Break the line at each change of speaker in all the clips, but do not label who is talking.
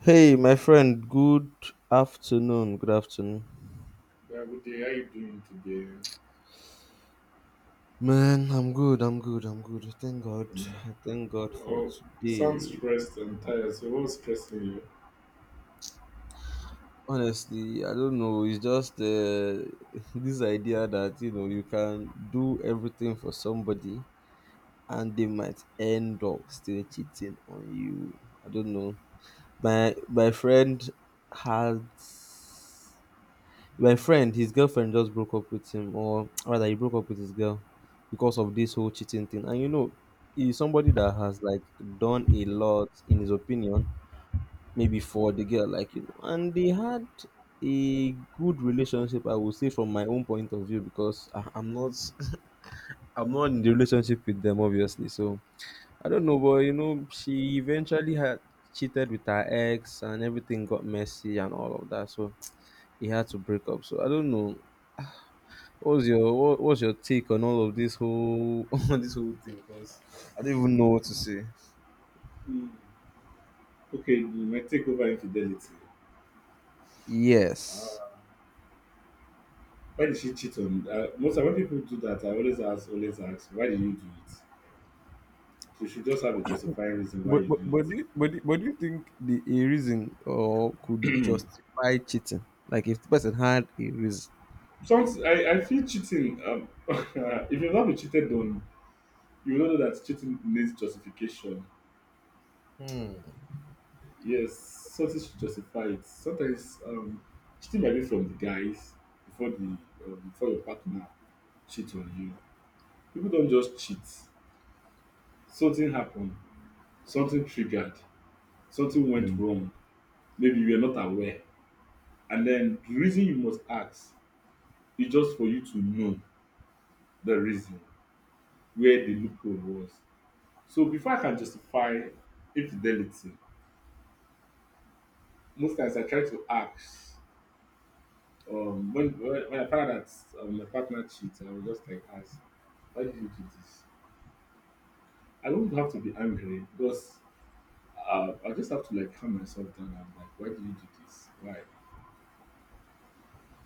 Hey, my friend, good afternoon. Good afternoon.
Yeah, good day. How you doing today?
Man, I'm good. I thank God.
Um,
I thank God for
Oh, you sound
today.
stressed and tired. So what's stressing you?
Honestly, I don't know. It's just this idea that, you know, you can do everything for somebody and they might end up still cheating on you. I don't know. My friend had. My friend, his girlfriend just broke up with him, or rather, he broke up with his girl because of this whole cheating thing. And you know, he's somebody that has like done a lot, in his opinion, maybe for the girl, like you know. And they had a good relationship, I would say, from my own point of view, because I'm not, I'm not in the relationship with them, obviously. So I don't know, but you know, she eventually had cheated with her ex, and everything got messy and all of that. So he had to break up. So I don't know. What's your take on all of this whole on this whole thing? Because I don't even know what to say.
Mm. Okay, my takeover infidelity.
Yes.
Uh, why did she cheat on? Most of when people do that, I always ask, why did you do it? So you should just have a justifying reason why you do it.
But do you think the a reason or could justify cheating? Like if the person had a reason?
Sometimes I feel cheating. If you've not been cheated on, you will know that cheating needs justification. Yes, something should justify it. Sometimes cheating might be from the guys before the before your partner cheats on you. People don't just cheat. Something happened. Something triggered. Something went
Hmm.
wrong. Maybe you were not aware. And then the reason you must ask is just for you to know the reason where the loophole was. So before I can justify infidelity, most times I try to ask. When I found out that my partner cheats, I was just like, "As why did you do this?" I don't have to be angry because I just have to like calm myself down. I'm like, "Why did you do this? Why?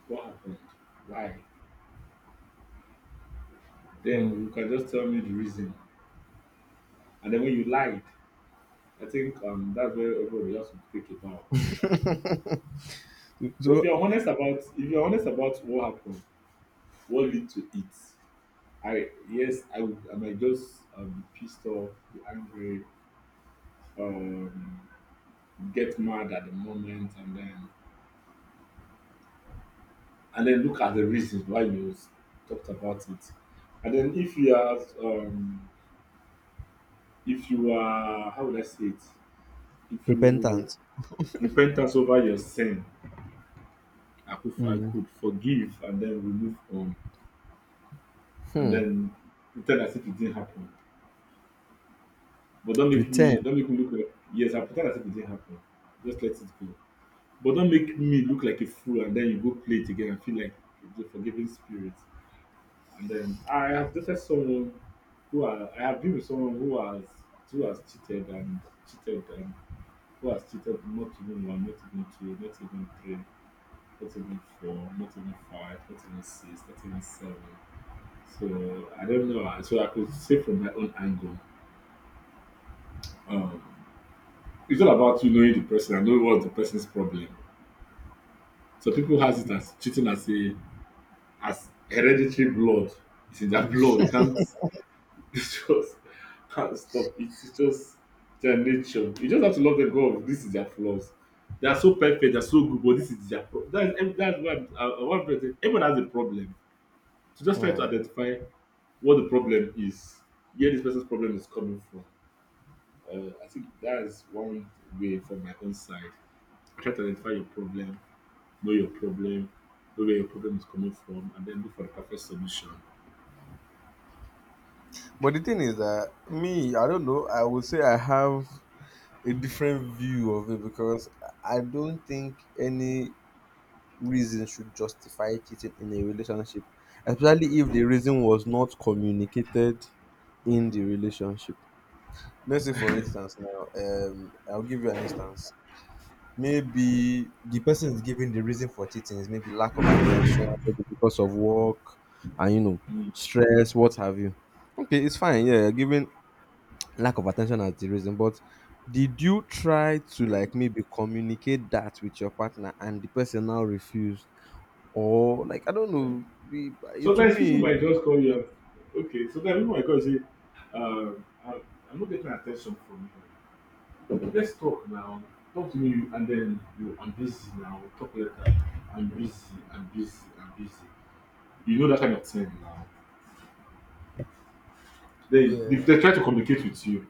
What happened? Why?" Then
Hmm.
you can just tell me the reason. And then when you lied, I think that's where everybody has to take a bow. But if
So
you're honest about if you're honest about what happened, what led to it, I yes, I would I might just be pissed off, be angry. Um, get mad at the moment and then look at the reasons why you talked about it. And then if you are how would I say it? If you
repentance.
repentance over your sin, I could I
Mm.
could forgive and then we move on and
Hmm.
then pretend as if it didn't happen. But don't make me
Pretend.
don't make me look like yes, I pretend as if it didn't happen. Just let it go. But don't make me look like a fool and then you go play it again and feel like the forgiving spirit. And then I have been with someone who has cheated and cheated and who has cheated not even one, not even two, not even three, not even four, not even five, not even six, not even seven. So I don't know. So I could say from my own angle, um, it's all about you knowing the person and knowing what's the person's problem. So people has it as cheating as a as hereditary blood. It's in their blood. They can't It's just can't stop it. It's just their nature. You just have to love them. God, this is their flaws. They are so perfect. They're so good, but this is their problem. That's what one person. Everyone has a problem. So just try to
Hmm.
identify what the problem is, where this person's problem is coming from. I think that is one way from my own side. Try to identify your problem, know where your problem is coming from, and then look for the perfect solution.
But the thing is that me, I don't know. I would say I have a different view of it because I don't think any reason should justify cheating in a relationship, especially if the reason was not communicated in the relationship. Let's say, for instance, now, I'll give you an instance. Maybe the person is giving the reason for cheating is maybe lack of attention, maybe because of work and you know, stress, what have you. Okay, it's fine, yeah, giving lack of attention as the reason, but did you try to like maybe communicate that with your partner and the person now refused? Or like I don't know. The- To
Sometimes people
me.
might just call you up. Okay, sometimes people might call you and say, I'm not getting attention from you. Let's talk now. Talk to me, and then you, I'm busy now. We'll talk later. I'm busy, I'm busy, I'm busy. You know that kind of thing now. Then,
Yeah.
if they try to communicate with you,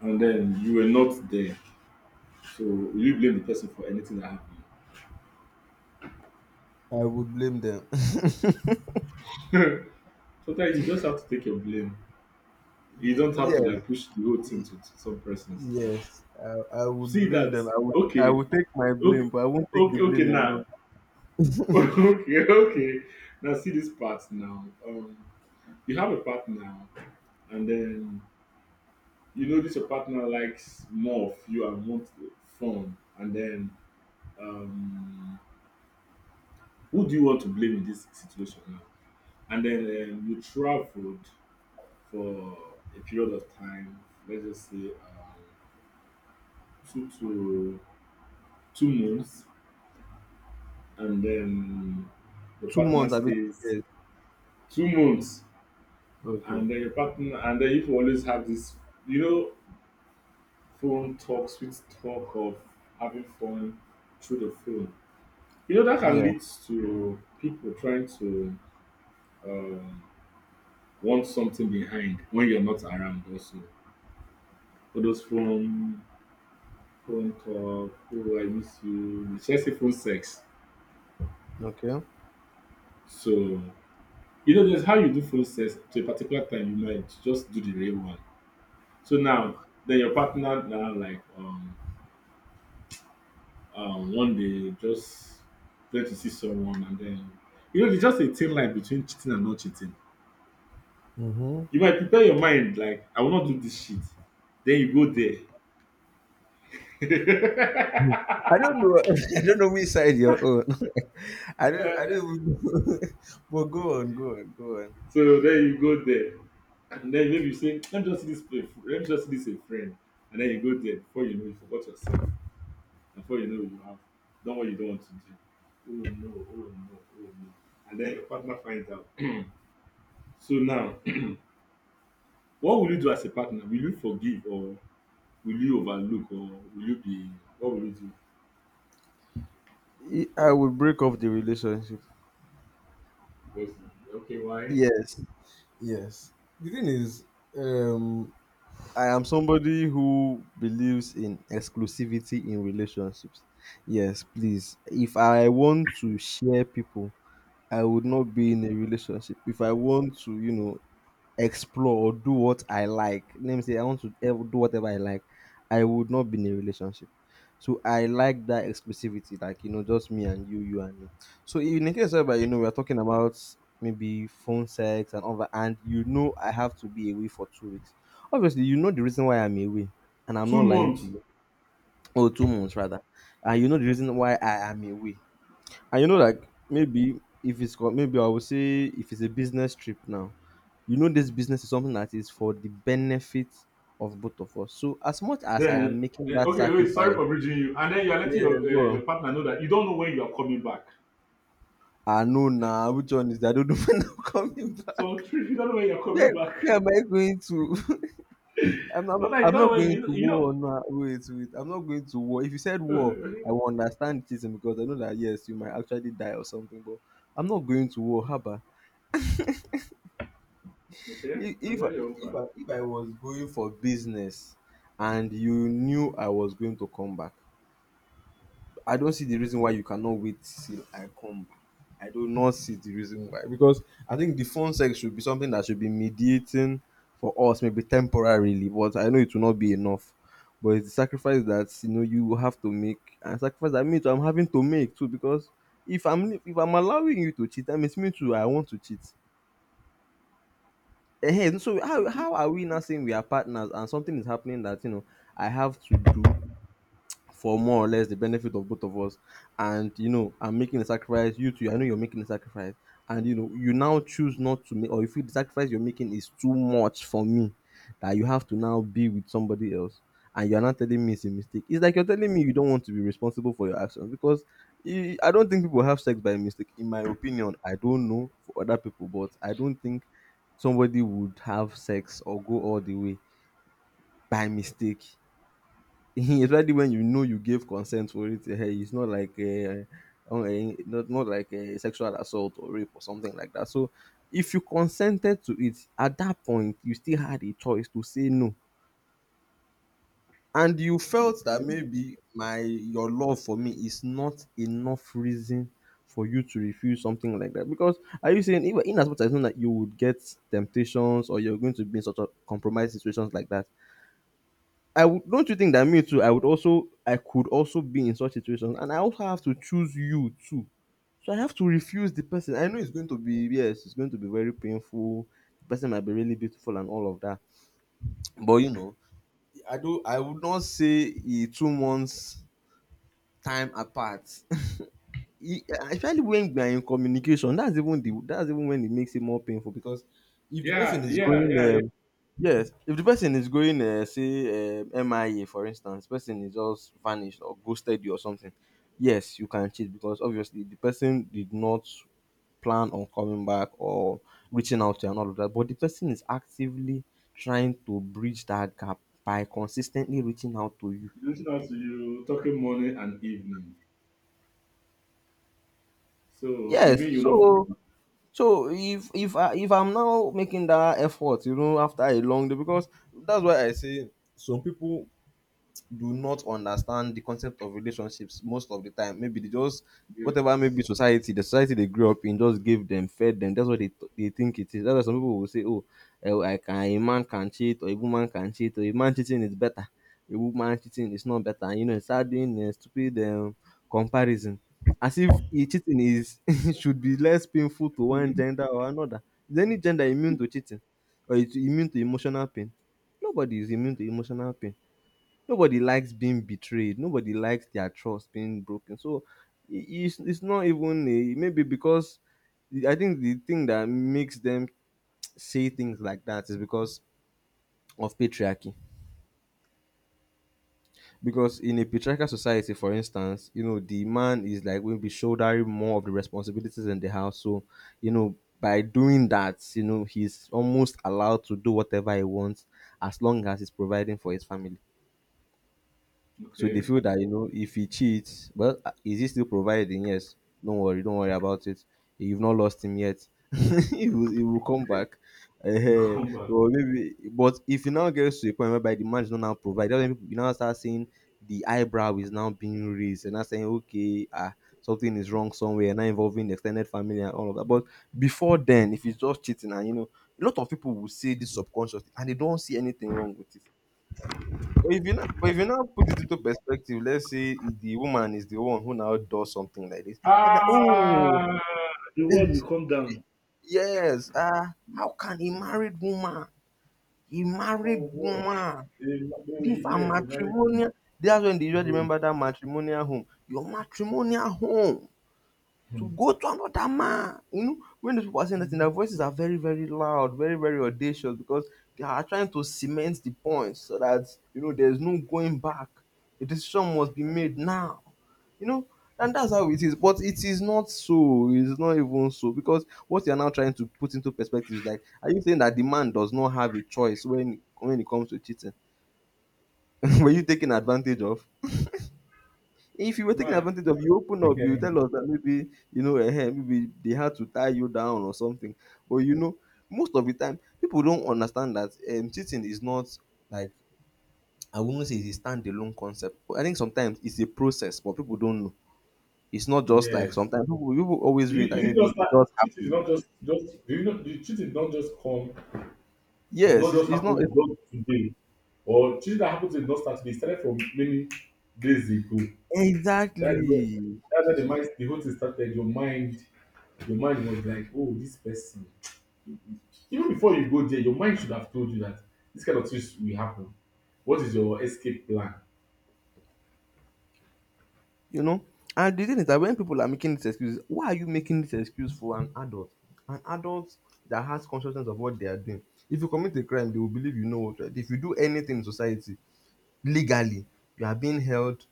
and then you were not there, so will you blame the person for anything that happened?
I would blame them.
Sometimes you just have to take your blame. You don't have to
Yes,
like push the whole thing
y-
to some persons.
yes, I would
See
blame
that,
them. I would, I
okay,
would take my
okay,
blame, but I won't take the
okay, okay.
blame
Now,
alone.
okay, okay. Now, see this part now. You have a partner, and then you notice your partner likes more of you and wants fun, and then um, who do you want to blame in this situation now? And then you traveled for a period of time. Let's just say two to two months, and then the
Two
partner
months, I mean,
stays
yes.
2 months,
Okay.
and then your partner, and then you always have this you know phone talk, sweet talk of having fun through the phone. You know that can
Yeah.
lead to people trying to um, want something behind when you're not around also. All those phone talk, oh, I miss you, let's say phone sex.
Okay.
So there's how you do phone sex to a particular time, you might just do the real one. So now, then your partner now like one day just there to see someone, and then you know there's just a thin line between cheating and not cheating.
Mm-hmm.
You might prepare your mind like, I will not do this shit, then you go there.
I don't know. I don't know which side you're on. I don't. I don't even know. But go on. Go on. Go on.
So then you go there, and then maybe you say, let me just see this play, let me just see this a friend, and then you go there. Before you know, you forgot yourself. Before you know, you have done what you don't want to do. Oh no, oh no, oh no, and then your partner finds out. So now, what will you do as a partner? Will you forgive, or will you overlook, or will you be, what will you do?
I would break off the relationship.
Wait, okay, why?
Yes. Yes. The thing is, um, I am somebody who believes in exclusivity in relationships. Yes, please. If I want to share people, I would not be in a relationship. If I want to, you know, explore or do what I like, let me say I want to do whatever I like, I would not be in a relationship. So I like that exclusivity, like you know, just me and you and me. So in a case whereby you know we are talking about maybe phone sex and other, and you know I have to be away for 2 weeks. Obviously, you know the reason why I'm away, and I'm
Two
not lying to
months.
you. Or 2 months rather, and you know the reason why I am away. And you know, like maybe if it's got maybe I would say if it's a business trip now, you know this business is something that is for the benefit of both of us. So as much as I
Then
am making that
okay, wait. Sorry
sacrifice,
for bridging you. And then you are letting your
yeah, go
uh,
on.
your partner know that you don't know when you are coming back.
I know now which one is that I don't know when I'm coming
So
back.
if you don't know when you are coming
Where,
back,
where am I going to?
sometimes you
I'm
don't know
not
when
going
you
to
you
war. No, wait. I'm not going to war. If you said war, I
know.
will understand it is because I know that yes, you might actually die or something. But I'm not going to war, Haba.
Okay,
If
I'm
if
very
I- if
open.
I, if I was going for business and you knew I was going to come back, I don't see the reason why you cannot wait till I come back. I do not see the reason why because I think the phone sex should be something that should be mediating for us maybe temporarily, but I know it will not be enough. But it's the sacrifice that you know you will have to make and sacrifice that me too I'm having to make too because if I'm allowing you to cheat, that means me too I want to cheat. Ehen, so
It
how
is-
how are we now saying we are partners and something is happening that you know I have to do for more or less the benefit of both of us. And you know, I'm making a sacrifice. You too, I know you're making a sacrifice. And you know, you now choose not to make, or you feel the sacrifice you're making is too much for me, that you have to now be with somebody else. And you're not telling me it's a mistake. It's like you're telling me you don't want to be responsible for your actions because you- I don't think people have sex by mistake. In my opinion, I don't know for other people, but I don't think somebody would have sex or go all the way by mistake. Especially when you know you gave consent for it. It's not like not like a sexual assault or rape or something like that. So if you consented to it at that point, you still had a choice to say no, and you felt that
okay.
maybe my your love for me is not enough reason for you to refuse something like that. Because are you saying even in as much as you know that you would get temptations or you're going to be in such a compromised situations like that, I would don't you think that me too, I could also be in such situations and I also have to choose you too. So I have to refuse the person. I know it's going to be yes, it's going to be very painful. The person might be really beautiful and all of that. But you know, I would not say 2 months time apart. E- Especially when we are in communication, that's even when it makes it more painful because if the person
Yeah,
is
yeah,
going
yeah, yeah.
yes, if the person is going, say, MIA, for instance, person is just vanished or ghosted you or something, yes, you can cheat because obviously the person did not plan on coming back or reaching out to you and all of that. But the person is actively trying to bridge that gap by consistently reaching out to you.
You listen out to you talking morning and evening. So you
Yes,
mean you not
so
forgive?
so if I'm now making that effort, you know, after a long day, because that's why I say some people do not understand the concept of relationships most of the time. Maybe they just whatever maybe
Yes.
society they grew up in, just gave them, fed them. That's what they they think it is. That's why some people will say, "Oh, eh, I can, a man can cheat, or a woman can cheat, or a man cheating is better, a woman cheating is not better." You know, it's doing a stupid comparison, as if eh, cheating is should be less painful to one gender or another. Is any gender immune to cheating, or is immune to emotional pain? Nobody is immune to emotional pain. Nobody likes being betrayed. Nobody likes their trust being broken. So it's not even a, maybe because I think the thing that makes them say things like that is because of patriarchy. Because in a patriarchal society, for instance, you know, the man is like will be shouldering more of the responsibilities in the house. So, you know, by doing that, you know, he's almost allowed to do whatever he wants as long as he's providing for his family. So they
Okay.
feel that you know if he cheats, well, is he still providing? Yes. Don't worry about it. You've not lost him yet. He will come back.
You
Eh,
come back.
or maybe, but if he now gets to a point whereby the man is not now providing, you now start seeing the eyebrow is now being raised and now saying, okay, ah, something is wrong somewhere, now involving the extended family and all of that. But before then, if it's just cheating, and you know, a lot of people will say this subconsciously and they don't see anything wrong with it but if you now, but if you now put it into perspective, let's say the woman is the one who now does something like this. I'm like, oh,
Ah, the world will come down.
yes. How can a
For
married
what?
woman,
Oh,
live a
yes, a married
matrimonial? That's when they just
groom.
remember that matrimonial home. Your matrimonial home to
Hmm.
go to another man. You know, when those people are saying that, their voices are very, very loud, very, very audacious because they are trying to cement the point so that you know there's no going back. A decision must be made now. You know, and that's how it is. But it is not so. It's not even so because what you are now trying to put into perspective is like, are you saying that the man does not have a choice when it comes to cheating? Were you taken advantage of? If you were taking
Man,
advantage of, you open up, you
okay.
tell us that maybe, you know, maybe they had to tie you down or something. But you know, most of the time, people don't understand that cheating is not like, I wouldn't say it's a standalone concept. I think sometimes it's a process, but people don't know. It's not just like
Yes.
sometimes people always
Is
read
it, is
that
it
maybe
just
it
that
just
cheating is
happened.
not just do you know the cheating don't just come,
Yes,
not just
it's not.
happen just today, or cheating that happens did not start today, it started from many days ago. That's where
Exactly.
that's where the whole thing started. Your mind was like, oh, this person. Even before you go there, your mind should have told you that this kind of things will happen. What is your escape plan?
You know? And the thing is that when people are making these excuses, why are you making this excuse for an adult? An adult that has consciousness of what they are doing. If you commit a crime, they will believe you know what. Right? If you do anything in society legally, you are being held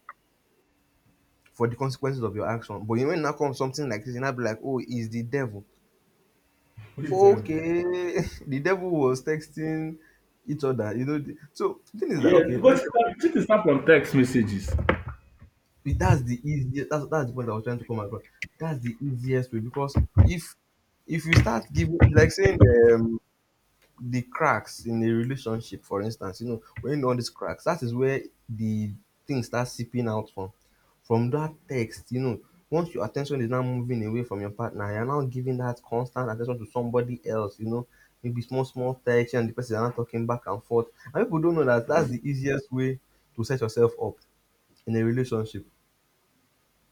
for the consequences of your action. But you when now comes something like this, you now be like, oh, it's the devil.
What is your
Okay, the devil was texting each other. You know, so the thing is that
Yeah,
okay, let's —
because cheating start from text messages.
it, that's the easiest, that's the point I was trying to come across. That's the easiest way because if you start giving, it's like saying um, the cracks in a relationship, for instance, you know, when you know all these cracks, that is where the thing starts seeping out from. From that text, you know, once your attention is now moving away from your partner, you're now giving that constant attention to somebody else, you know, maybe small, small text and the person are now talking back and forth. And people don't know that that's the easiest way to set yourself up in a relationship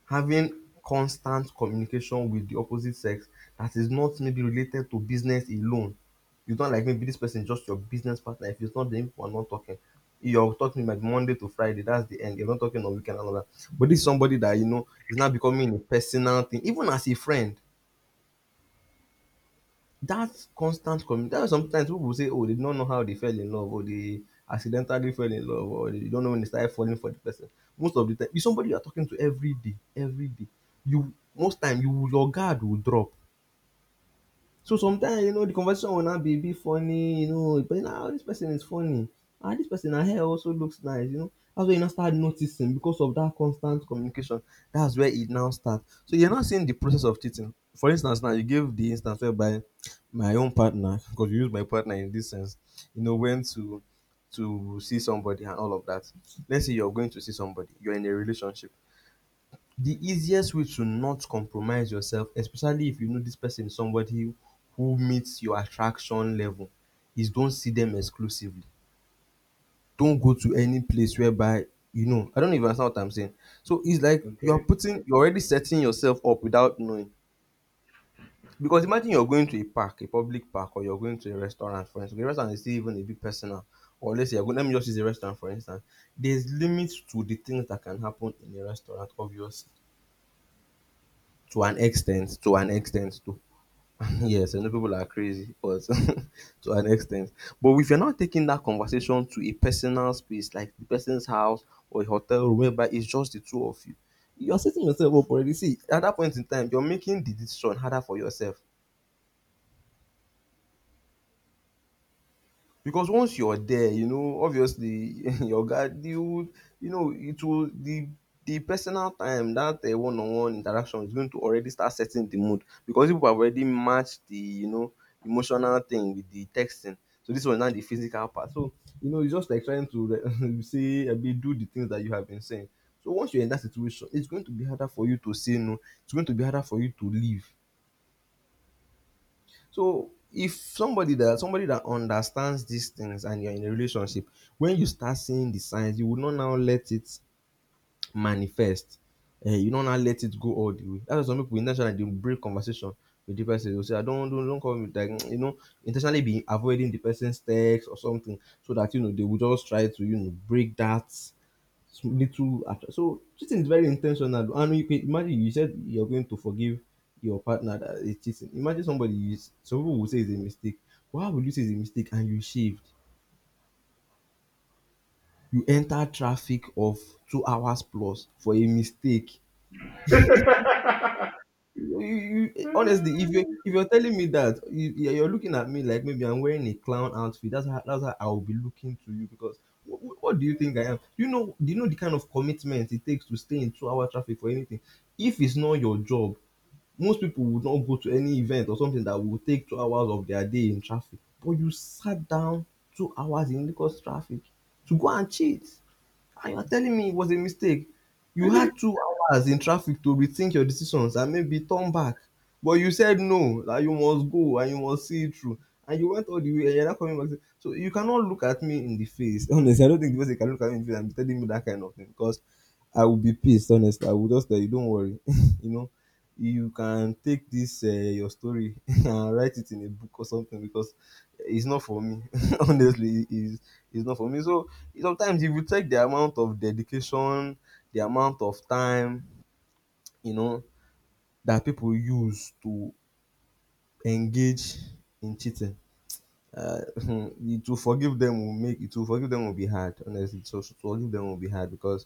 having constant communication with the opposite sex that is not maybe related to business alone. You don't — like maybe this person is just your business partner. If it's not them, you are not talking. You're talking like Monday to Friday. That's the end. You're not talking on weekend and all that. But this is somebody that you know is now becoming a personal thing, even as a friend. That constant commu-, that's why sometimes people will say, “Oh, they do not know how they fell in love. Oh, they accidentally fell in love,” or “They don't know when they started falling for the person.” Most of the time, it's somebody you are talking to every day, every day. You most time you will- your guard will drop. So sometimes you know the conversation will now be a bit funny, you know. But now nah, this person is funny, ah, this person, her hair also looks nice, you know. That's when you now start noticing because of that constant communication. That's where it now starts. So you're not seeing the process of cheating. For instance, now you gave the instance whereby my own partner, because you use my partner in this sense, you know, went to see somebody and all of that. Let's say you're going to see somebody, you're in a relationship, the easiest way to not compromise yourself, especially if you know this person is somebody who meets your attraction level, is don't see them exclusively. Don't go to any place whereby you know — I don't even understand what I'm saying. So it's like you're
Okay?
putting, you're already setting yourself up without knowing. Because imagine you're going to a park, a public park, or you're going to a restaurant, for instance. The restaurant is still even a bit personal. Or let's say, you're going, let me just use a restaurant, for instance. There's limits to the things that can happen in a restaurant, obviously, to an extent, to an extent to Yes, I know people are crazy, but to an extent. But if you're not taking that conversation to a personal space, like the person's house or a hotel room, whereby it's just the two of you, you're setting yourself up already. See, at that point in time, you're making the decision harder for yourself. Because once you're there, you know, obviously your guy, you know, it will, the personal time, that one-on-one interaction is going to already start setting the mood because people have already matched the, you know, emotional thing with the texting. So this was now the physical part. So, you know, it's just like trying to, like, say, I mean, do the things that you have been saying. So once you're in that situation, it's going to be harder for you to say no. It's going to be harder for you to leave. So if somebody, that somebody that understands these things and you're in a relationship, when you start seeing the signs, you will not now let it manifest. Eh, you don't now let it go all the way. That's why some people intentionally they break conversation with the person. They'll say, I don't call me like you know, intentionally be avoiding the person's text or something so that you know they will just try to, you know, break that sm- little act- So cheating is very intentional, and you can imagine you said you're going to forgive your partner that is cheating. Imagine somebody, you s- some people will say it's a mistake. Why would you say it's a mistake and you shaved, you enter traffic of 2 hours plus for a mistake? Honestly, if you — if you're telling me that you, yeah, you're looking at me like maybe I'm wearing a clown outfit, that's how, that's how I will be looking to you because what do you think I am? Do you know, do you know the kind of commitment it takes to stay in 2 hour traffic for anything? If it's not your job, most people would not go to any event or something that will take 2 hours of their day in traffic. But you sat down 2 hours in Lagos traffic to go and cheat. And you're telling me it was a mistake. You had 2 hours in traffic to rethink your decisions and maybe turn back. But you said no, that you must go and you must see it through. And you went all the way and you're not coming back. So you cannot look at me in the face. Honestly, I don't think the person can look at me in the face and be telling me that kind of thing because I would be pissed, honestly. I would just tell you, don't worry. You know, you can take this, your story, and write it in a book or something because it's not for me. Honestly, it's not for me. So sometimes if you check the amount of dedication, the amount of time, you know, that people use to engage in cheating, it — to forgive them will be hard. Honestly, to forgive them will be hard because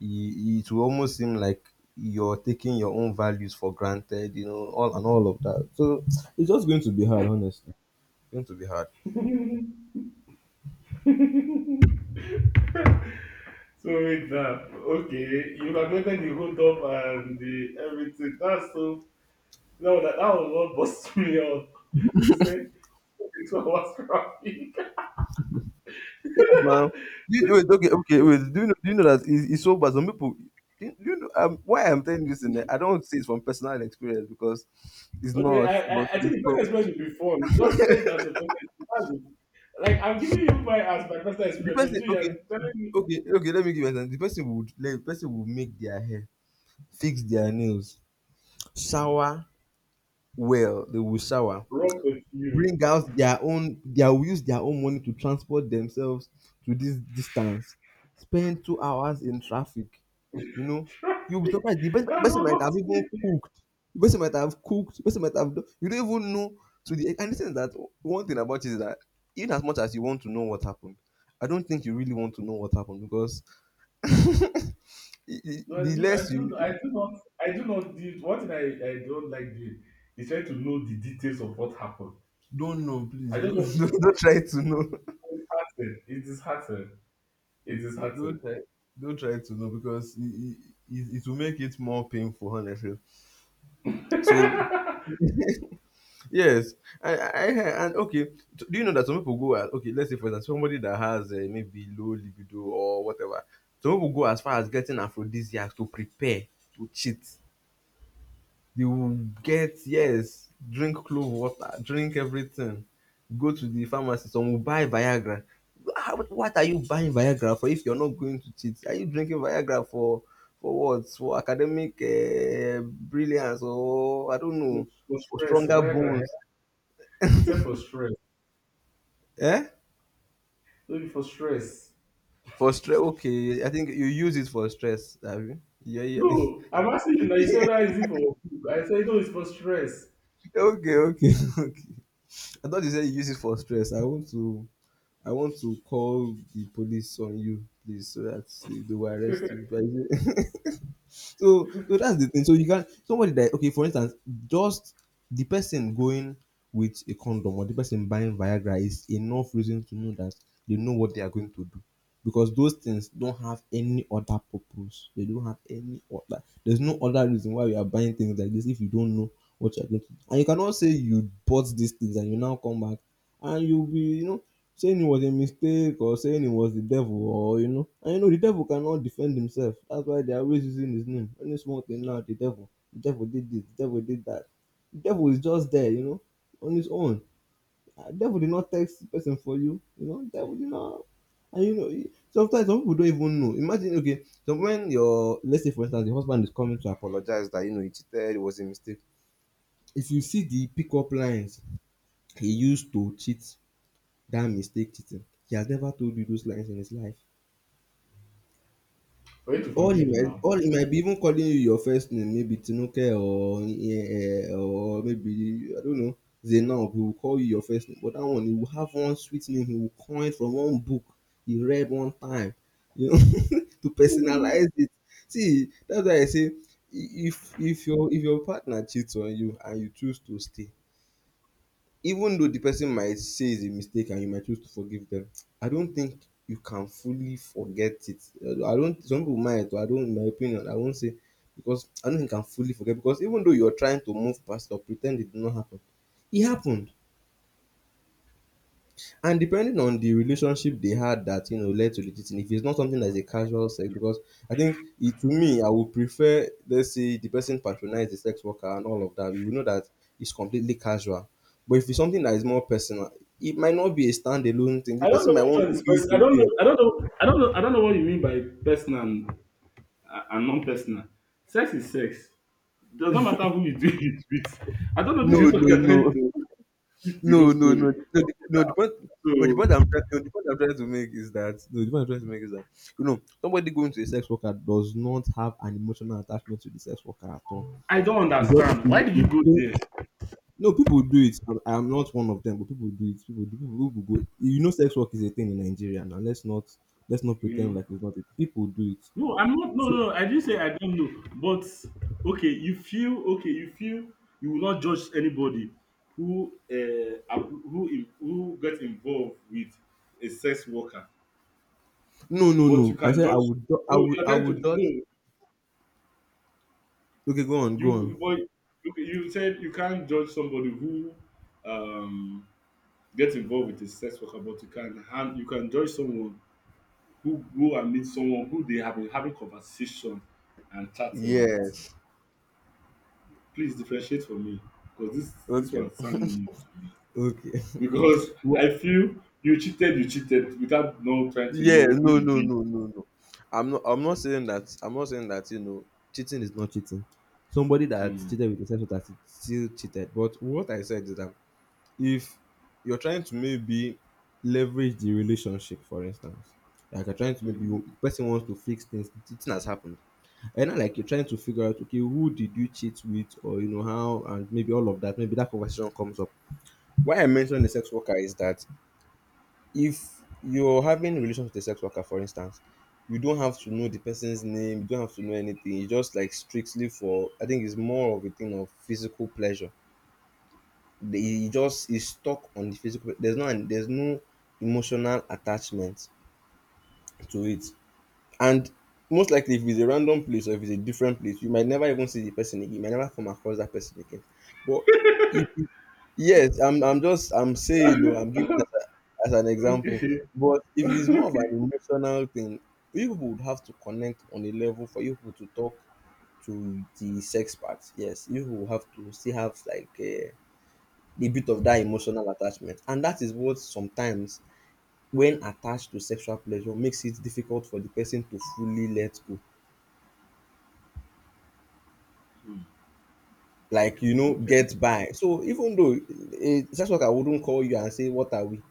it, it will almost seem like you're taking your own values for granted, you know, all, and all of that. So it's just going to be hard, honestly. It's going to be hard.
So with that, okay, you have calculated the hold up and the everything. That's so no, that was what bust me up. You said it's what was traffic.
Yes, now. You, wait, okay, okay, wait. Do you know that it's so bad? Some people, do you know why I'm telling you this? In there? I don't say it's from personal experience because it's
Okay,
not,
I,
but
I I
it's
think the best
from
experience should be fun. Just say that's a perfect. That's it. Like I'm giving you my as my personal
the
experience,
person.
but you
Okay,
are telling me
okay. Let me give you an example. The person would, like, the person would make their hair, fix their nails, shower well. They will shower.
wrong with you.
Bring out their own — they will use their own money to transport themselves to this distance, spend 2 hours in traffic, you know, you'll be
Traffic.
surprised, the best,
That's
person
what
might
I'm
have even
saying.
cooked, the person might have cooked, the person might have done, you don't even know, to the — and the thing is that one thing about it is that even as much as you want to know what happened, I don't think you really want to know what happened because
No, I
the
do,
less
I
you
do, I do not, I do not. One thing I don't like doing is trying to know the details of what happened.
don't know, please
I just
don't,
want
don't try to know.
It's happened. It is happened. It is
Don't
happened.
try, don't try to know because it it will make it more painful, honestly. So yes, I and okay. Do you know that some people go as okay? Let's say for example, somebody that has maybe low libido or whatever. Some people go as far as getting aphrodisiacs to prepare to cheat. They will get yes, drink clove water, drink everything, go to the pharmacy, some will buy Viagra. How, what are you buying Viagra for if you're not going to cheat? Are you drinking Viagra for what? For academic brilliance or I don't
For
know,
for
for
stress,
stronger
Viagra. Eh?
bones?
It's here for stress.
Eh?
No, it's for stress.
For stress? Okay, I think you use it for stress. Have you? Yeah, yeah.
No, I'm asking you now. You say that is it for? I say no, it's for stress.
Okay, okay, okay. I thought you said you use it for stress. I want to call the police on you, please, so that they will arrest you. If I say- So that's the thing. So you can somebody that okay, for instance, just the person going with a condom or the person buying Viagra is enough reason to know that they know what they are going to do. Because those things don't have any other purpose. They don't have any other. There's no other reason why you are buying things like this if you don't know what you're going to do. And you cannot say you bought these things and you now come back and you'll be saying it was a mistake or saying it was the devil or you know and you know the devil cannot defend himself. That's why they're always using his name. Any small thing now, the devil, the devil did this, the devil did that. The devil is just there, you know, on his own. Devil did not text the person for you, you know. Devil did not. And you know e- sometimes some people don't even know. Imagine okay, so when your let's say for instance the husband is coming to apologize that you know he cheated, it was a mistake, if you see the pickup lines he used to cheat, that mistake cheating. He has never told you those lines in his life.
For you to
All he
forgive
might
now.
all he might be even calling you your first name, maybe Tinuke or or maybe I don't know, Zainab. He will call you your first name, but that one he will have one sweet name he will coin from one book he read one time, you know. To personalize it. See, that's why I say I- if if your partner cheats on you and you choose to stay, even though the person might say it's a mistake and you might choose to forgive them, I don't think you can fully forget it. I don't. Some people might, but I don't. In my opinion, I won't say, because I don't think I can fully forget, because even though you're trying to move past or pretend it did not happen, it happened. And depending on the relationship they had that, you know, led to the cheating, if it's not something that's a casual sex, because I think it, to me, I would prefer, let's say, the person patronized the sex worker and all of that. You will know that it's completely casual. But if it's something that is more personal, it might not be a standalone thing. The
I don't
person
know
might
which
want
one
to
is
do
personal. I
it
don't know.
again.
I don't know. I don't know. I don't know what you mean by personal. And non-personal. Sex is sex. It does not matter who you do it with. I don't know if
No,
this is what
no,
you're trying
no,
to shift the whole
no, no, no.
story.
The, no, the point, no, the
So
point I'm trying, no, the point I'm trying to make is that no, the point I'm trying to make is that you know somebody going to a sex worker does not have an emotional attachment to the sex worker at all.
I don't
It's just
understand. Why
it's
did you
it's
go
still.
there?
No, people do it. I'm not one of them, but people do it. People do people go, you know, sex work is a thing in Nigeria now. Let's not
You
pretend
know?
like it's not a people do it.
No, I'm not. No,
So
no, no. I didn't say I don't know. But okay. You feel you will not judge anybody who eh, ab- who in- who gets involved with a sex worker.
no, no,
But you
no. I
can
said
judge. No, you're
I
trying
would
to
dodge.
no.
Okay, go on, go on.
You but you said you can't judge somebody who um gets involved with a sex worker, but you can judge someone who go and meet someone who they have been having conversation and chatting with.
Yes.
Please differentiate for me because this
Okay.
one sounds new to me.
Okay.
Because
Wha-
I feel you cheated without no trying to
Yeah.
know who
No.
you
No.
did.
No. No. No. I'm not. I'm not saying that. I'm not saying that. You know. Cheating is not cheating. Somebody that
Mm.
cheated with a sex worker still cheated. But what I said is that if you're trying to maybe leverage the relationship, for instance, like you're trying to maybe
Hmm.
you- person wants to fix things, cheating has happened, and not like you're trying to figure out, okay, who did you cheat with, or you know how, and maybe all of that. Maybe that conversation comes up. Why I mentioned the sex worker is that if you're having relations with a sex worker, for instance, you don't have to know the person's name, you don't have to know anything. It's just like strictly for, I think it's more of a thing of physical pleasure. The- he just is stuck on the physical. There's no an- there's no emotional attachment to it. And most likely if it's a random place or if it's a different place, you might never even see the person again. You might never come across that person again. But if it, yes, I'm just I'm saying, no, I'm giving as, a, as an example.
Okay.
But if it's more of an
Okay.
emotional thing, you people would have to connect on a level for you people to talk to the sex part. Yes, you will have to still have like a the bit of that emotional attachment. And that is what sometimes, when attached to sexual pleasure, makes it difficult for the person to fully let go.
Mm.
Like, you know,
Okay.
get by. So even though a sex worker wouldn't call you and say, "What are we?"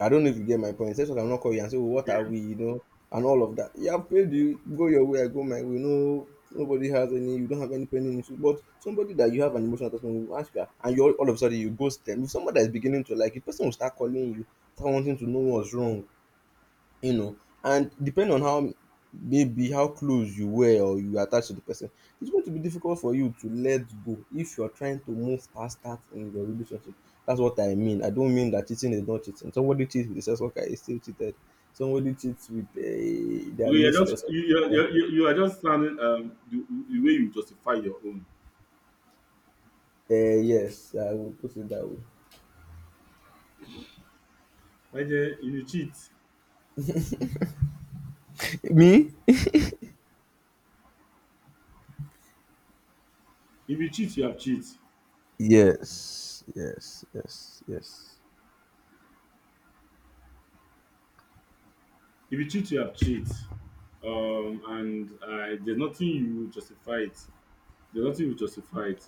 I don't know if you get my point. Sex worker will not call you and say, well, "What are we?" You know, and all of that. Yeah, I've paid you, go your way, I go my way. No, nobody has any, you don't have any pending issues. But somebody that you have an emotional attachment will ask you, and you all of a sudden you ghost them. If somebody that is beginning to like you, person will start calling you, start wanting to know what's wrong. You know, and depending on how maybe how close you were or you were attached to the person, it's going to be difficult for you to let go if you're trying to move past that in your relationship. That's what I mean. I don't mean that cheating is not cheating. Somebody cheats with a sex worker is still cheated. Somebody cheats with their
Okay, you're just
mistress.
you you're,
Uh,
you're, you are just sounding the way you justify your own.
yes, I will put it that way.
Like eh, if you cheat,
Me?
if you cheat, you have cheat.
Yes, yes, yes, yes.
If you cheat, you have cheat. And there's nothing you justify it. There's nothing you justify it.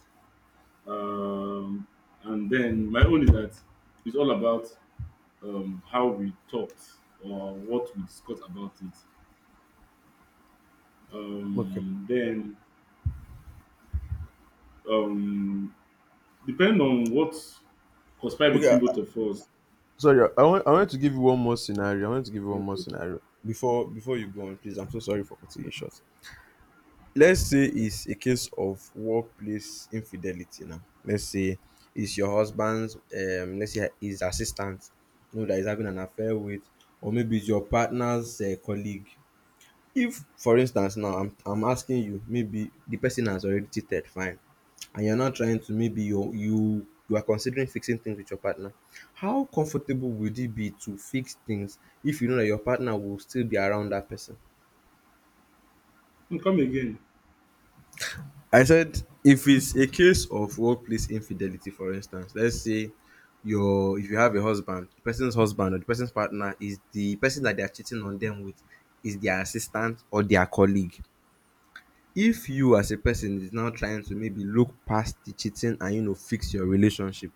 Um, and then my own is that it's all about how we talked or what we discussed about it.
Okay.
Then um depending on what conspire
Okay.
between both of us.
Sorry, I want to give you one more scenario. I want to give you one more scenario before you go on, please. I'm so sorry for cutting you short. Let's say it's a case of workplace infidelity. Now, let's say it's your husband's, let's say his assistant, you know that he's having an affair with, or maybe it's your partner's colleague. If, for instance, now I'm asking you, maybe the person has already cheated, fine, and you're not trying to, maybe you are considering fixing things with your partner, how comfortable would it be to fix things if you know that your partner will still be around that person?
Hmm, come again?
I said if it's a case of workplace infidelity, for instance, let's say your if you have a husband, the person's husband or the person's partner is the person that they are cheating on them with is their assistant or their colleague. If you as a person is now trying to maybe look past the cheating and you know fix your relationship,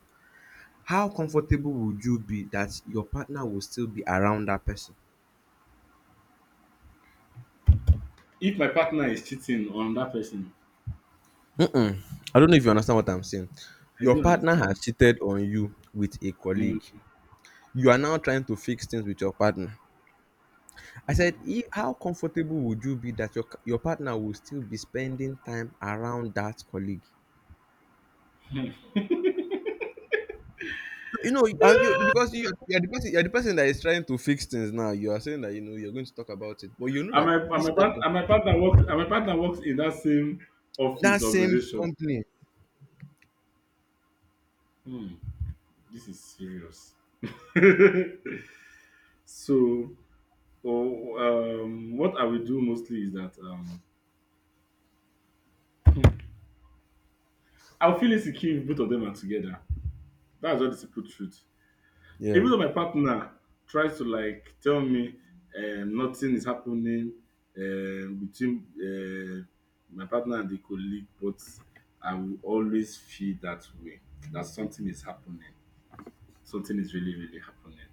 how comfortable would you be that your partner will still be around that person?
If my partner is cheating on that person,
Mm-mm. I don't know if you understand what I'm saying.
I
Your
do
partner has
understand.
cheated on you with a
Mm,
colleague. You are now trying to fix things with your partner. I said
mm.
if, how comfortable would you be that your partner will still be spending time around that colleague. You know, and you because you're the person, you're the person that is trying to fix things now. You are saying that you know you're going to talk about it, but you know that
And
this
my, part,
person,
and my partner works in that same
that
office
same
organization.
company,
Hmm, this is serious. So, oh, what I will do mostly is that I'll feel insecure if both of them are together. That's just the simple truth.
yeah,
Even though my partner tries to like tell me nothing is happening between my partner and the colleague, but I will always feel that way, that something is happening, something is really, really happening.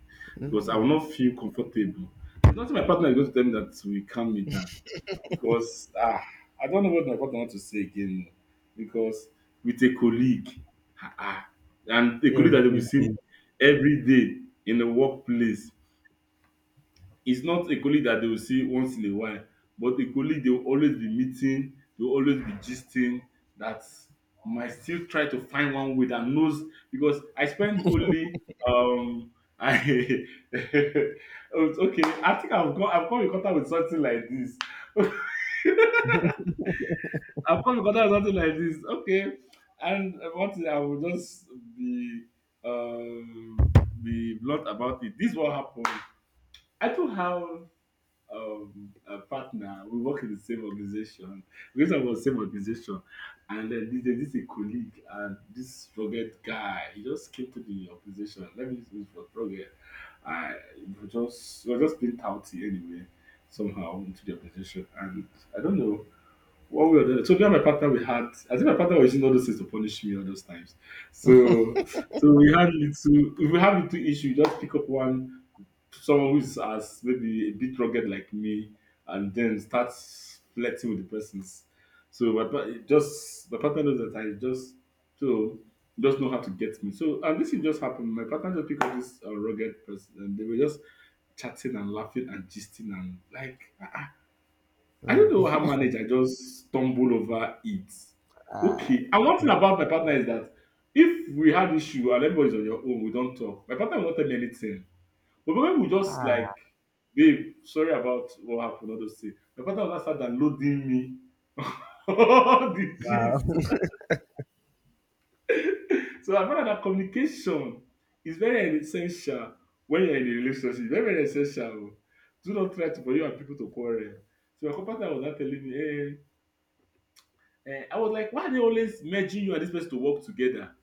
Because I will
hmm,
not feel comfortable. There's nothing my partner is going to tell me that will calm me down. Because I don't know what my partner wants to say again. No. Because with a colleague, ah, ah, and a colleague that we've
every
seen
day.
every day in the workplace, it's not a colleague that they will see once in a while, but a colleague they will always be meeting, they will always be gisting, that might still try to find one way that knows, because I spend only um I oh, it's okay. I think I've come in contact with something like this. I've come in contact with something like this. Okay. And one thing I will just be um be blunt about it. This is what happened. I don't have a partner. We work in the same organization. We talk about the same organization, and then this there's this a colleague and this forget guy. He just came to the organization. Let me use this word rugged. I we were just being touty anyway, somehow into the organization, and I don't know. What we or doing? So me and my partner, we had. I think my partner was using all those things to punish me all those times. So, so we had little. If we have little issue, we just pick up one someone who is as maybe a bit rugged like me, and then start flirting with the persons. So my it just my partner knows that I just so just know how to get me. So and this thing just happened. My partner just picked up this rugged person, and they were just chatting and laughing and gisting and like I don't know
Mm.
how manage I just stumble over it.
Ah,
Okay. And one thing about my partner is that if we had issue and everybody's on your own, we don't talk. My partner will not tell me anything. But when we just like,
ah,
babe, sorry about what happened, all those things. My partner will not start downloading me all the
wow,
gist. So I found out that communication is very essential when you're in a relationship. Very, very essential. Do not try to for you and people to quarrel. So my partner was not telling me, hey, eh, I was like, why are they always merging you and this person to work together?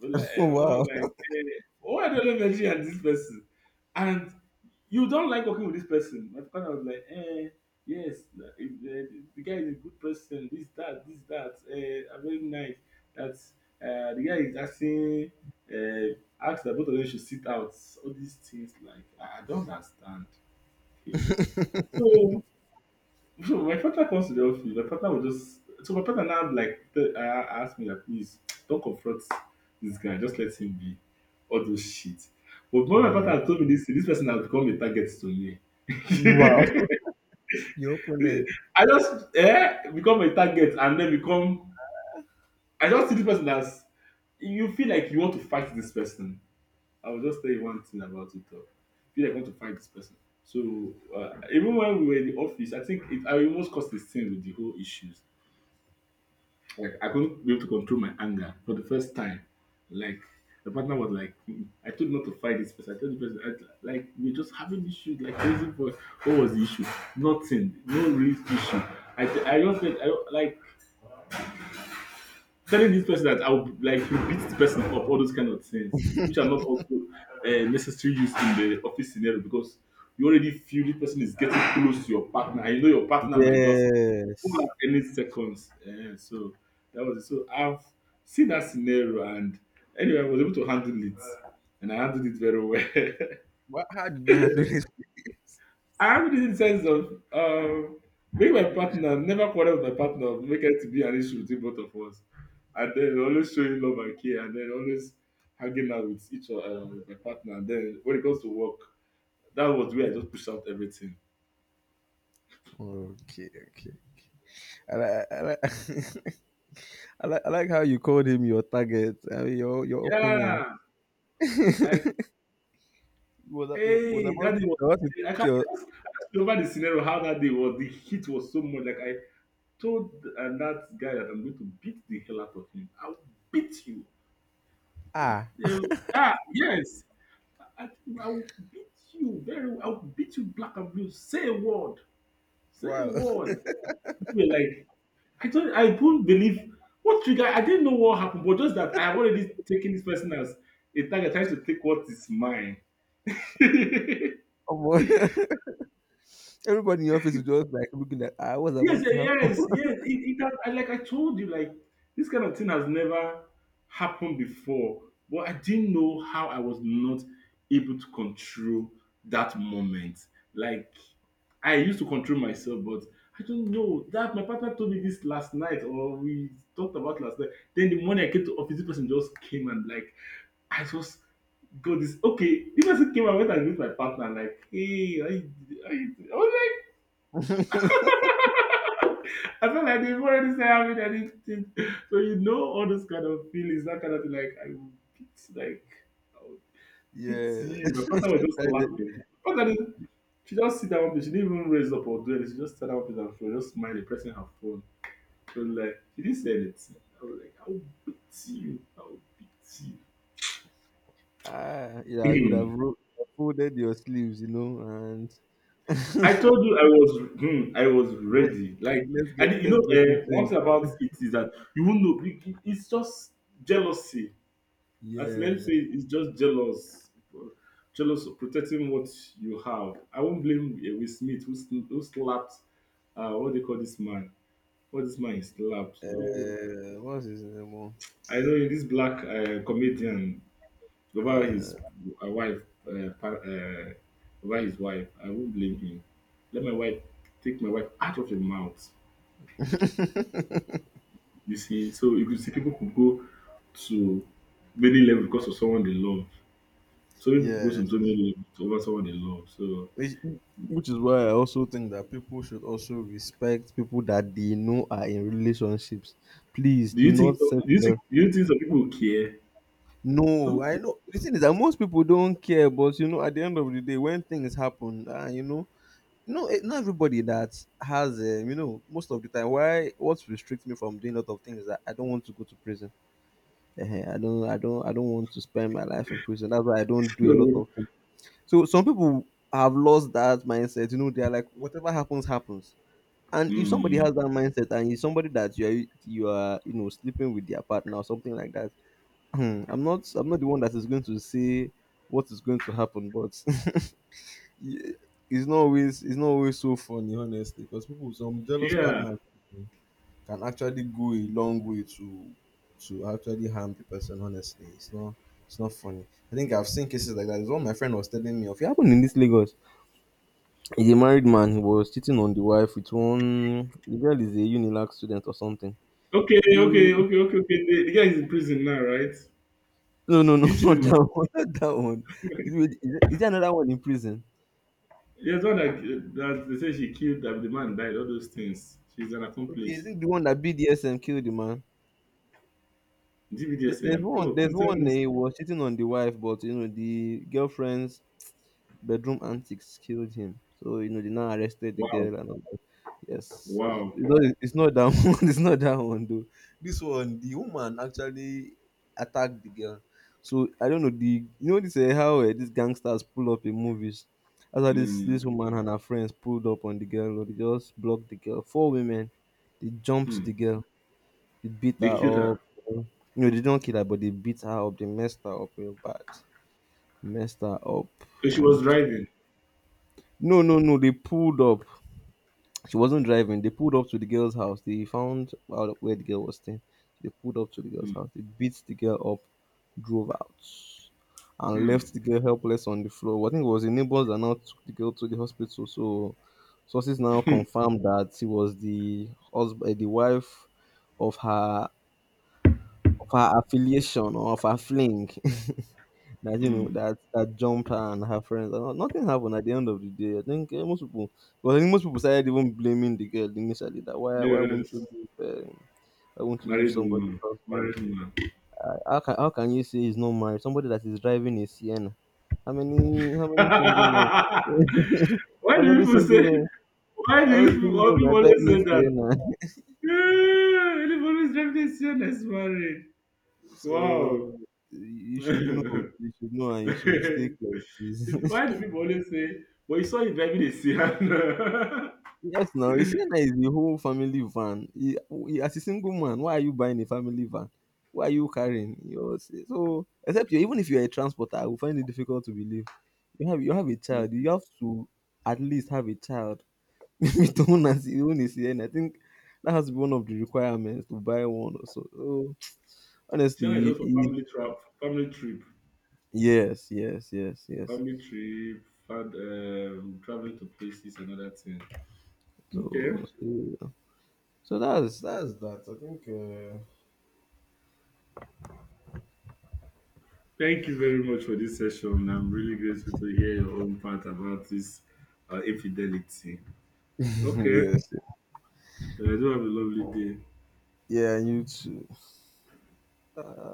But like, eh, my partner was
wow,
like, eh, why are they always merging you and this person? And you don't like working with this person. My partner was like, eh, yes, the guy is a good person, this, that, eh, are very nice. That the guy is asking, asked that both of them should sit out. All these things, like, I don't understand. Okay. So my partner comes to the office. My partner will just so my partner now like ask me like, please don't confront this guy. Just let him be. All those shit. But when my
Mm.
partner told me this, this person has become a target to me.
Wow. Your
Eh,
opponent,
I just eh, become a target and then become. I just see this person as you feel like you want to fight this person. I will just tell you one thing about it. Though. Feel like I want to fight this person. So even when we were in the office, I think I almost caused a scene with the whole issues. Like I couldn't be able to control my anger for the first time. Like the partner was like, "Hmm." I told you not to fight this person. I told the person, like we're just having issues. Like crazy for what was the issue? Nothing. No real issue. I just said I don't like telling this person that I would like to beat the person up, all those kind of things, which are not also necessary use in the office scenario, because you already feel the person is getting close to your partner, and you know your partner might just pull at
yes.
any seconds. Eh, so that was it. So I've seen that scenario, and anyway, I was able to handle it, and I handled it very well.
What, how did you handle this?
I have this in sense of being my partner, never quarrel with my partner, make it to be an issue between both of us. And then always showing love and care, and then always hanging out with each other, with my partner. And then when it comes to work, that was where I just pushed out everything.
Okay, okay. I, like, I, like, I like how you called him your target. I mean, your opponent.
Yeah, like,
Was, I was
hey, that day was.
about to
I can't
take your
I just remember the scenario how that day was. The heat was so much. Like I told that guy that I'm going to beat the hell out of him. I'll beat you. That's-
ah.
yeah, ah, yes. I, I will beat you very well. I'll beat you black and blue. Say a word. Say a
Wow.
word. People were like, I couldn't believe what trigger I didn't know what happened, but just that I have already taken this person as a target trying to take what is mine.
Omo, everybody in your office was just like looking at I was
Yes,
about to
yeah, yes, yes. It has, like I told you, like this kind of thing has never happened before. But I didn't know how I was not able to control that moment. Like I used to control myself, but I don't know that my partner told me this last night, or we talked about last night. Then the morning I came to office, this person just came and like I just got this. Okay, the person came and went and met my partner. Like, hey, I was like.
happen.
I felt like they've already said having anything. So you know all those kind of feelings, that kind of thing, like I will beat like I will beat
Yeah.
you. My father was just
That just-
laughing. But then she just sit down, she didn't even raise up or do anything, she just sat down with her phone, just smiling, pressing her phone. She was like, she didn't say anything. I was like, I will beat you, I will beat
yeah, you would
you.
have
Hmm.
folded your sleeves, you know, and
I told you I was hmm, I was
let,
ready. Like
let's get
and you know,
let's get into it.
one thing about it is that you won't know. It's just jealousy. At let me say
Yeah.
it's just jealous, jealous of protecting what you have. I won't blame Will Smith who slapped what they call this man. What this man is slapped. Oh,
What's his name? Oh?
I know this black comedian over his
Uh,
wife, uh, par- uh, over his wife. I won't blame him. Let my wife take my wife out of your mouth. You see, so you could see people could go to many levels because of someone they love. So people could go to
yeah.
so many levels over someone they love. So
which which is why I also think that people should also respect people that they know are in relationships. Please
do
do
you think?
not
So,
set
do you
your.
think? Do you think some people care?
No,
Some
I
people
know the thing is that most people don't care, but you know, at the end of the day, when things happen, you know, no, not everybody that has, you know, most of the time, why what restricts me from doing a lot of things is that I don't want to go to prison. I don't want to spend my life in prison. That's why I don't do a lot
don't.
of things. So some people have lost that mindset. You know, they are like, whatever happens, happens. And if somebody
Hmm.
has that mindset and it's somebody that you are you know sleeping with their partner or something like that, I'm not the one that is going to say what is going to happen, but y- it's not always so funny, honestly, because people, some jealous
Yeah.
partners can actually go a long way to actually harm the person. Honestly, it's not funny. I think I've seen cases like that. It's what my friend was telling me of, it happened in this Lagos. He's a married man. He was cheating on the wife with one. The girl is a Unilag student or something.
Okay. Okay.
The
Okay. Okay. Okay. The guy is in prison now, right?
No, no, no,
You should
not
man.
that one. Not that one. Is there another one in prison?
There's one that, that they say she killed that the man died. All those things. She's an
Okay, is
accomplice.
it the one that BDSM killed the man? There's
DBDSM.
one.
Oh,
There's
please tell me
one.
this.
He was cheating on the wife, but you know the girlfriend's bedroom antics killed him. So you know they now arrested the
Wow.
girl and all that. Yes,
Wow.
you know it- it's not that one. It's not that one though. This one, the woman actually attacked the girl. So I don't know the, you know, this how these gangsters pull up in movies. After this
Hmm.
this woman and her friends pulled up on the girl, or they just blocked the girl. Four women, they jumped
Hmm.
the girl, they beat her
They killed her.
up. You know they don't kill her, but they beat her up. They messed her up real bad, messed her up,
'Cause she
and
was driving.
no, no, no. They pulled up. She wasn't driving. They pulled up to the girl's house. They found out where the girl was staying. They pulled up to the girl's house. They beat the girl up, drove out, and left the girl helpless on the floor. I think it was the neighbors that now took the girl to the hospital. So sources now confirmed that she was the wife of her affiliation or of her fling, that, you know, that that jumped her and her friends and all. Nothing happened at the end of the day. I think most people, well, I think most people started even blaming the girl initially, that why won't you
Yes.
leave um,
Married
somebody's
woman.
husband?
Married woman.
Like, how can you say he's not married? Somebody that is driving a Sienna. How many single men?
Why
How
do
many
people say?
single men?
Why do
How
you
many
people
single
all
men are
people always
driving
say that?
Sienna?
Ah, Liverpool's definition is married.
So
Wow.
you should know, you should know, and you should stay clear, please.
It's- Why do people always say, but you saw him driving a Sian?
Yes now, you is the whole family van. He e As a single man, why are you buying a family van? Why are you carrying? You're so, except you, even if you're a transporter, I will find it difficult to believe. You have a child, you have to at least have a child with own, as own is, I think that has to be one of the requirements to buy one or so. So
Sienna is
honestly,
just for
it.
family trip, family trip,
Yes, yes, yes, yes.
family trip, and traveling to places and other things.
So
Okay.
so yeah. So that's that. I think
Thank you very much for this session. I'm really grateful to hear your own part about this infidelity. Okay.
yes.
Do have a lovely day.
Yeah, you too. Uh,